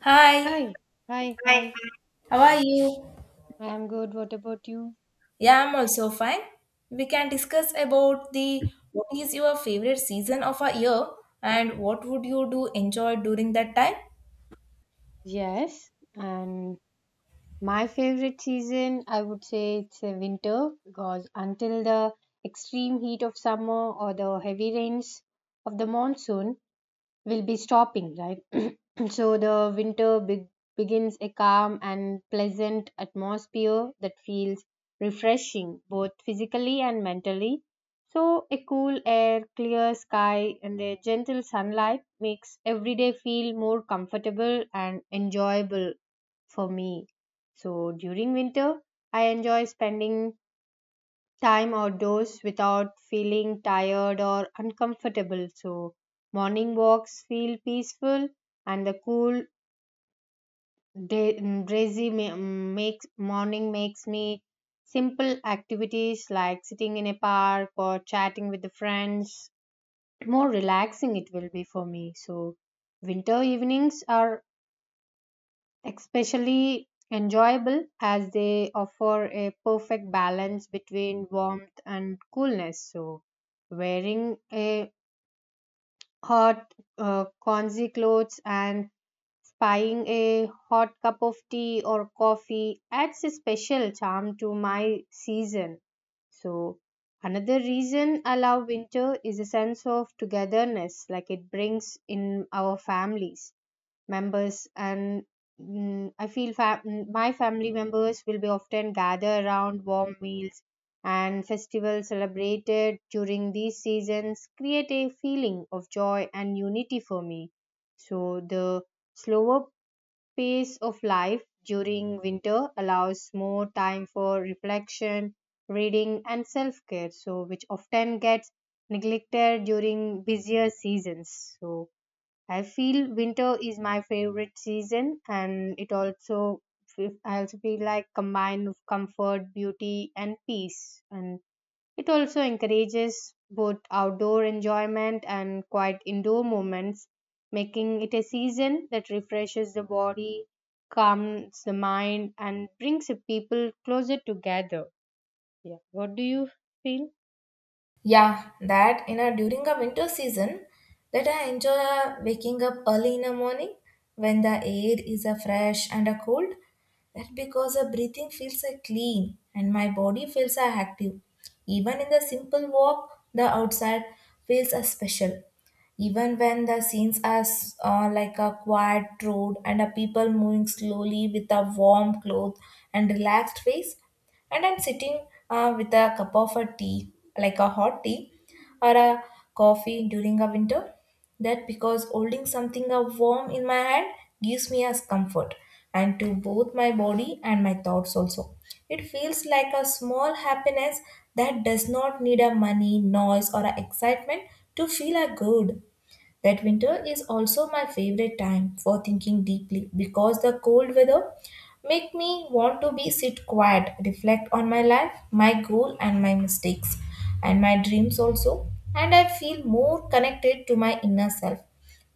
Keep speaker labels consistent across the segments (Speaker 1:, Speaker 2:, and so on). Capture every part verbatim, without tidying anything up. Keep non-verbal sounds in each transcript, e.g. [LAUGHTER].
Speaker 1: Hi,
Speaker 2: Hi, hi, hi.
Speaker 1: how are you?
Speaker 2: I'm good. What about you?
Speaker 1: Yeah, I'm also fine. We can discuss about the what is your favorite season of a year, and what would you do enjoy during that time?
Speaker 2: Yes, and my favorite season, I would say it's a winter because until the extreme heat of summer or the heavy rains of the monsoon, will be stopping, right? [CLEARS THROAT] So the winter be- begins a calm and pleasant atmosphere that feels refreshing both physically and mentally. So a cool air, clear sky, and a gentle sunlight makes every day feel more comfortable and enjoyable for me. So during winter, I enjoy spending time outdoors without feeling tired or uncomfortable. So, morning walks feel peaceful, and the cool, day, mm, breezy ma- mm, makes morning makes me simple activities like sitting in a park or chatting with the friends more relaxing it will be for me. So, winter evenings are especially enjoyable as they offer a perfect balance between warmth and coolness. So, wearing a hot uh, cozy clothes and spying a hot cup of tea or coffee adds a special charm to my season. So, another reason I love winter is a sense of togetherness, like it brings in our families members and mm, I feel fa- mm, my family members will be often gather around warm meals and festivals celebrated during these seasons create a feeling of joy and unity for me. So the slower pace of life during winter allows more time for reflection, reading and self care, so which often gets neglected during busier seasons. So I feel winter is my favorite season, and it also fe- I also feel like combined of comfort, beauty, and peace, and it also encourages both outdoor enjoyment and quiet indoor moments, making it a season that refreshes the body, calms the mind, and brings the people closer together. Yeah, what do you feel?
Speaker 1: Yeah, that in a during a winter season that I enjoy uh, waking up early in the morning when the air is uh, fresh and uh, cold. That because the breathing feels uh, clean and my body feels uh, active. Even in the simple walk, the outside feels uh, special. Even when the scenes are s- uh, like a quiet road and a people moving slowly with a warm cloth and relaxed face. And I'm sitting uh, with a cup of a tea, like a hot tea or a coffee during a winter. That because holding something uh, warm in my hand gives me as comfort and to both my body and my thoughts also. It feels like a small happiness that does not need a money noise or a excitement to feel a good. That winter is also my favorite time for thinking deeply, because the cold weather make me want to be sit quiet, reflect on my life, my goal and my mistakes and my dreams also. And I feel more connected to my inner self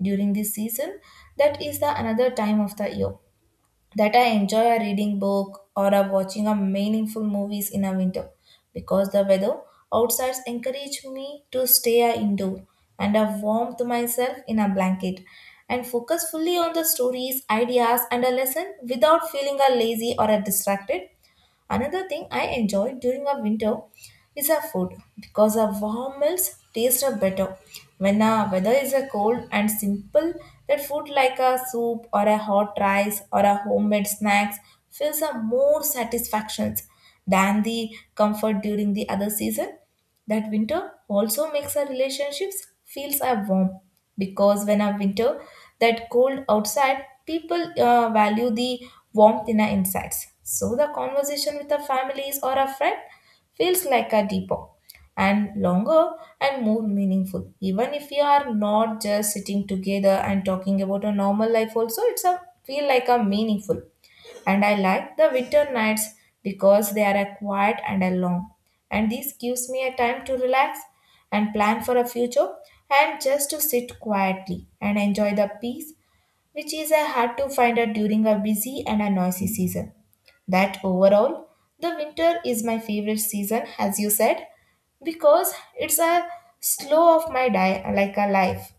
Speaker 1: during this season. That is the another time of the year that I enjoy a reading book or a watching a meaningful movies in a winter, because the weather outside encourage me to stay a indoor and a warm to myself in a blanket, and focus fully on the stories, ideas and a lesson without feeling a lazy or a distracted. Another thing I enjoy during a winter is our food, because our warm meals taste are better. When our weather is a cold and simple, that food like a soup or a hot rice or a homemade snacks feels a more satisfactions than the comfort during the other season. That winter also makes our relationships feels are warm, because when a winter that cold outside, people uh, value the warmth in our insides. So the conversation with our families or a friend feels like a deeper and longer and more meaningful. Even if you are not just sitting together and talking about a normal life, also it's a feel like a meaningful. And I like the winter nights because they are a quiet and a long. And this gives me a time to relax and plan for a future, and just to sit quietly and enjoy the peace, which is a hard to find out during a busy and a noisy season. That overall, the winter is my favorite season as you said, because it's a slow of my di- like a life,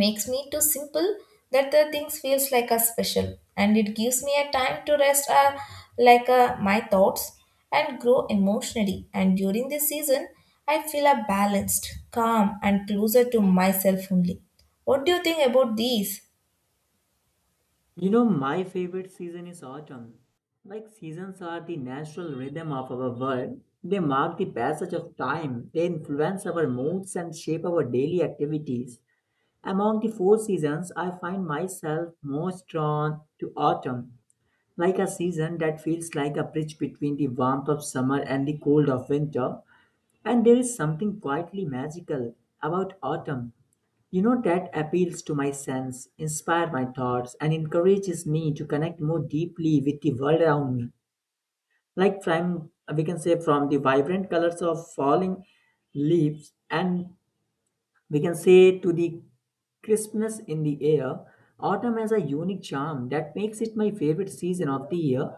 Speaker 1: makes me too simple, that the things feels like a special, and it gives me a time to rest uh, like uh, my thoughts and grow emotionally. And during this season, I feel a balanced calm and closer to myself only. What do you think about these?
Speaker 3: You know, my favorite season is autumn. Like seasons are the natural rhythm of our world. They mark the passage of time, they influence our moods and shape our daily activities. Among the four seasons, I find myself most drawn to autumn, like a season that feels like a bridge between the warmth of summer and the cold of winter. And there is something quietly magical about autumn you know, that appeals to my sense, inspires my thoughts, and encourages me to connect more deeply with the world around me. Like from we can say from the vibrant colors of falling leaves, and we can say to the crispness in the air, autumn has a unique charm that makes it my favorite season of the year.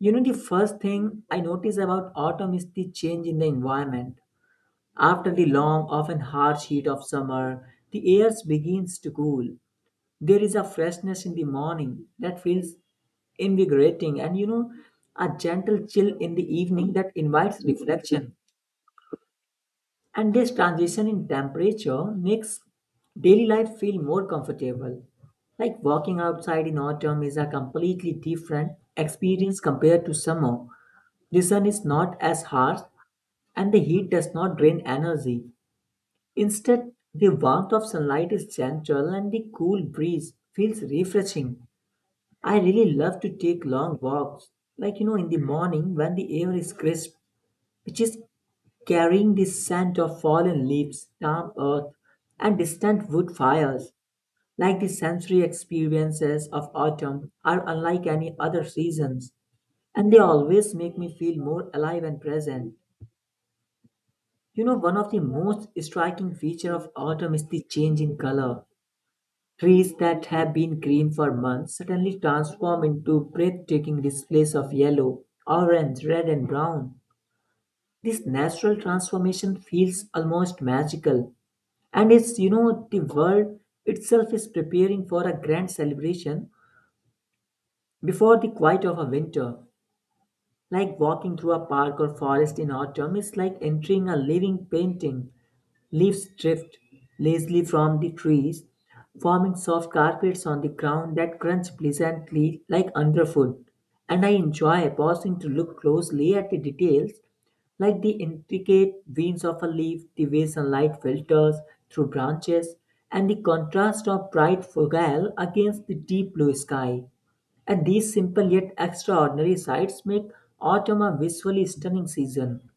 Speaker 3: You know, the first thing I notice about autumn is the change in the environment. After the long, often harsh heat of summer, the air begins to cool. There is a freshness in the morning that feels invigorating, and you know, a gentle chill in the evening that invites reflection. And this transition in temperature makes daily life feel more comfortable. Like walking outside in autumn is a completely different experience compared to summer. The sun is not as harsh and the heat does not drain energy. Instead, the warmth of sunlight is gentle and the cool breeze feels refreshing. I really love to take long walks, like you know, in the morning when the air is crisp, which is carrying the scent of fallen leaves, damp earth, and distant wood fires. Like the sensory experiences of autumn are unlike any other seasons, and they always make me feel more alive and present. You know, one of the most striking features of autumn is the change in color. Trees that have been green for months suddenly transform into breathtaking displays of yellow, orange, red, and brown. This natural transformation feels almost magical, and it's you know the world itself is preparing for a grand celebration before the quiet of a winter. Like walking through a park or forest in autumn is like entering a living painting. Leaves drift lazily from the trees, forming soft carpets on the ground that crunch pleasantly like underfoot. And I enjoy pausing to look closely at the details, like the intricate veins of a leaf, the way sunlight filters through branches, and the contrast of bright foreground against the deep blue sky. And these simple yet extraordinary sights make autumn a visually stunning season.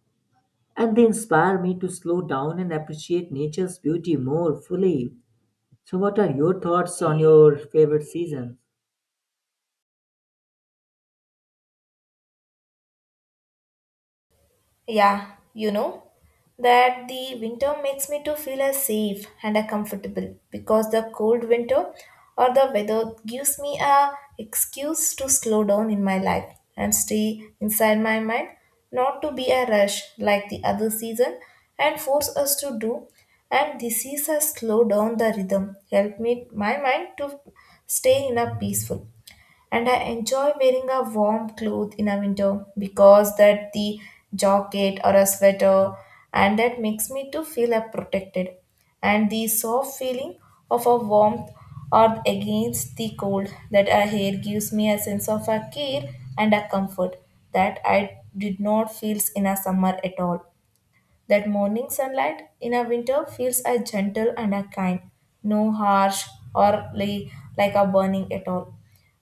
Speaker 3: And they inspire me to slow down and appreciate nature's beauty more fully. So, what are your thoughts on your favorite season?
Speaker 1: Yeah, you know that the winter makes me to feel as safe and a comfortable, because the cold winter or the weather gives me a excuse to slow down in my life and stay inside my mind, not to be a rush like the other season and force us to do. And this is a slow down the rhythm, help me my mind to stay in a peaceful. And I enjoy wearing a warm cloth in a winter, because that the jacket or a sweater, and that makes me to feel uh, protected. And the soft feeling of a warmth or against the cold that a hair gives me a sense of a care and a comfort that I did not feel in a summer at all. That morning sunlight in a winter feels as gentle and a kind, no harsh or li- like a burning at all.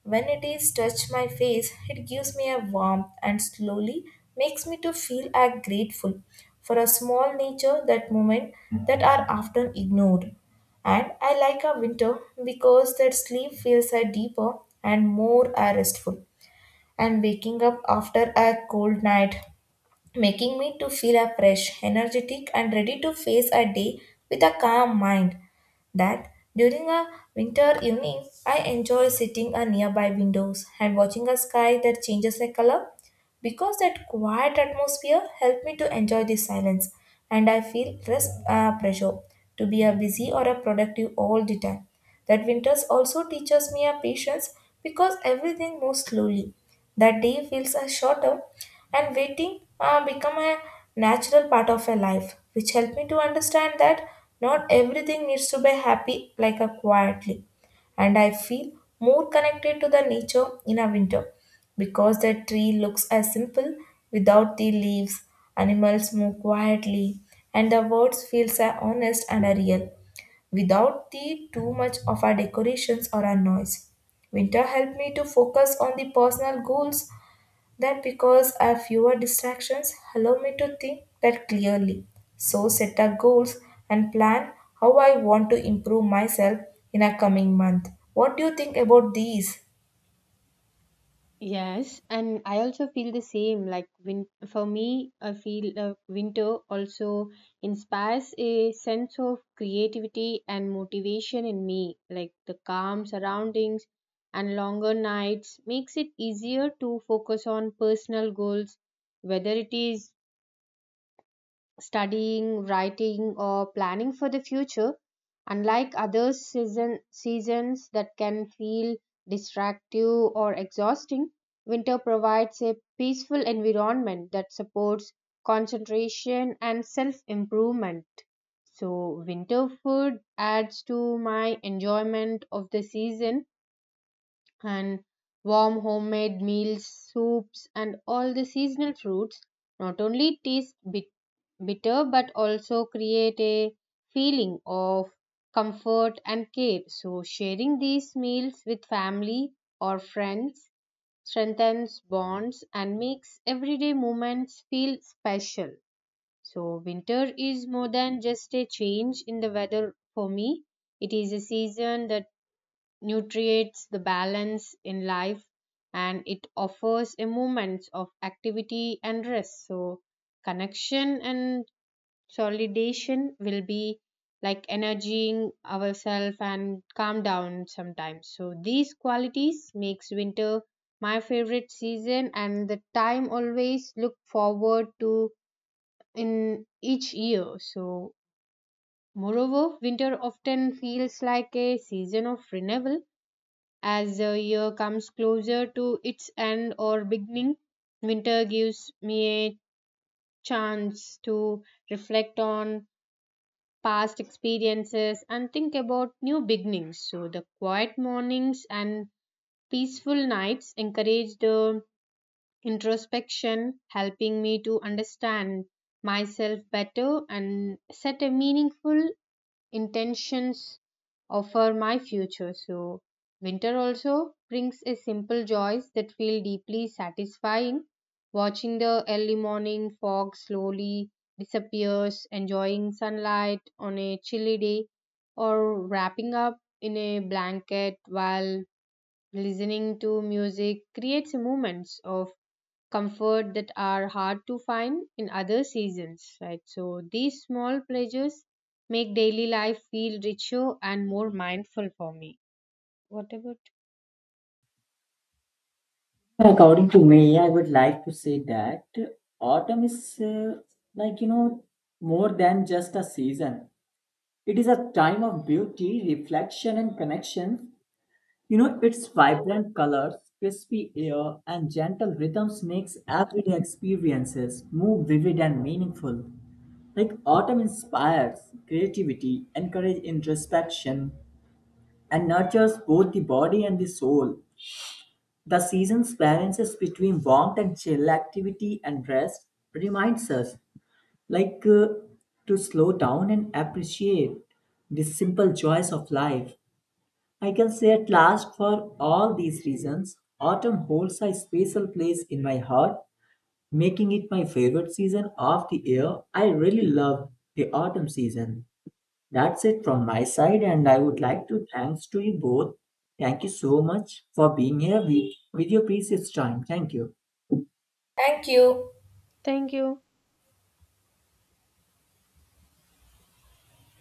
Speaker 1: When it is touched my face, it gives me a warmth, and slowly makes me to feel a grateful for a small nature that moment that are often ignored. And I like a winter because that sleep feels a deeper and more a restful. And waking up after a cold night making me to feel a fresh, energetic and ready to face a day with a calm mind. That during a winter evening, I enjoy sitting a nearby windows and watching a sky that changes a color, because that quiet atmosphere helped me to enjoy the silence. And I feel less uh, pressure to be a busy or a productive all the time. That winters also teaches me a patience because everything moves slowly, that day feels a shorter, and waiting uh, become a natural part of a life, which helped me to understand that not everything needs to be happy like a quietly. And I feel more connected to the nature in a winter, because the tree looks as simple without the leaves, animals move quietly, and the words feels are honest and are real without the too much of our decorations or our noise. Winter helped me to focus on the personal goals, that because I have fewer distractions allow me to think that clearly. So set a goals and plan how I want to improve myself in a coming month. What do you think about these?
Speaker 2: Yes, and I also feel the same. Like win for me, I feel uh, winter also inspires a sense of creativity and motivation in me. Like the calm surroundings and longer nights makes it easier to focus on personal goals, whether it is studying, writing, or planning for the future, unlike other season, seasons that can feel distractive or exhausting, winter provides a peaceful environment that supports concentration and self improvement. So, winter food adds to my enjoyment of the season, and warm homemade meals, soups, and all the seasonal fruits not only taste bit- bitter but also create a feeling of comfort and care. So, sharing these meals with family or friends strengthens bonds and makes everyday moments feel special. So, winter is more than just a change in the weather for me. It is a season that nutriates the balance in life, and it offers a moment of activity and rest, so connection and solidation will be like energizing ourselves and calm down sometimes. So these qualities makes winter my favorite season and the time always look forward to in each year. So moreover, winter often feels like a season of renewal. As the year comes closer to its end or beginning, winter gives me a chance to reflect on past experiences and think about new beginnings. So, the quiet mornings and peaceful nights encourage the introspection, helping me to understand myself better and set a meaningful intentions offer my future. So, winter also brings a simple joys that feel deeply satisfying. Watching the early morning fog slowly disappears, enjoying sunlight on a chilly day, or wrapping up in a blanket while listening to music creates moments of comfort that are hard to find in other seasons, right? So these small pleasures make daily life feel richer and more mindful for me. What about?
Speaker 3: According to me, I would like to say that autumn is uh, like, you know, more than just a season. It is a time of beauty, reflection, and connection. You know, its vibrant colors, crispy air, and gentle rhythms makes everyday experiences more vivid and meaningful. Like autumn inspires creativity, encourages introspection, and nurtures both the body and the soul. The season's balances between warmth and chill, activity and rest, reminds us, like, uh, to slow down and appreciate the simple joys of life. I can say at last, for all these reasons, autumn holds a special place in my heart, making it my favorite season of the year. I really love the autumn season. That's it from my side, and I would like to thanks to you both. Thank you so much for being here with, with your precious time. Thank you.
Speaker 1: Thank you.
Speaker 2: Thank you.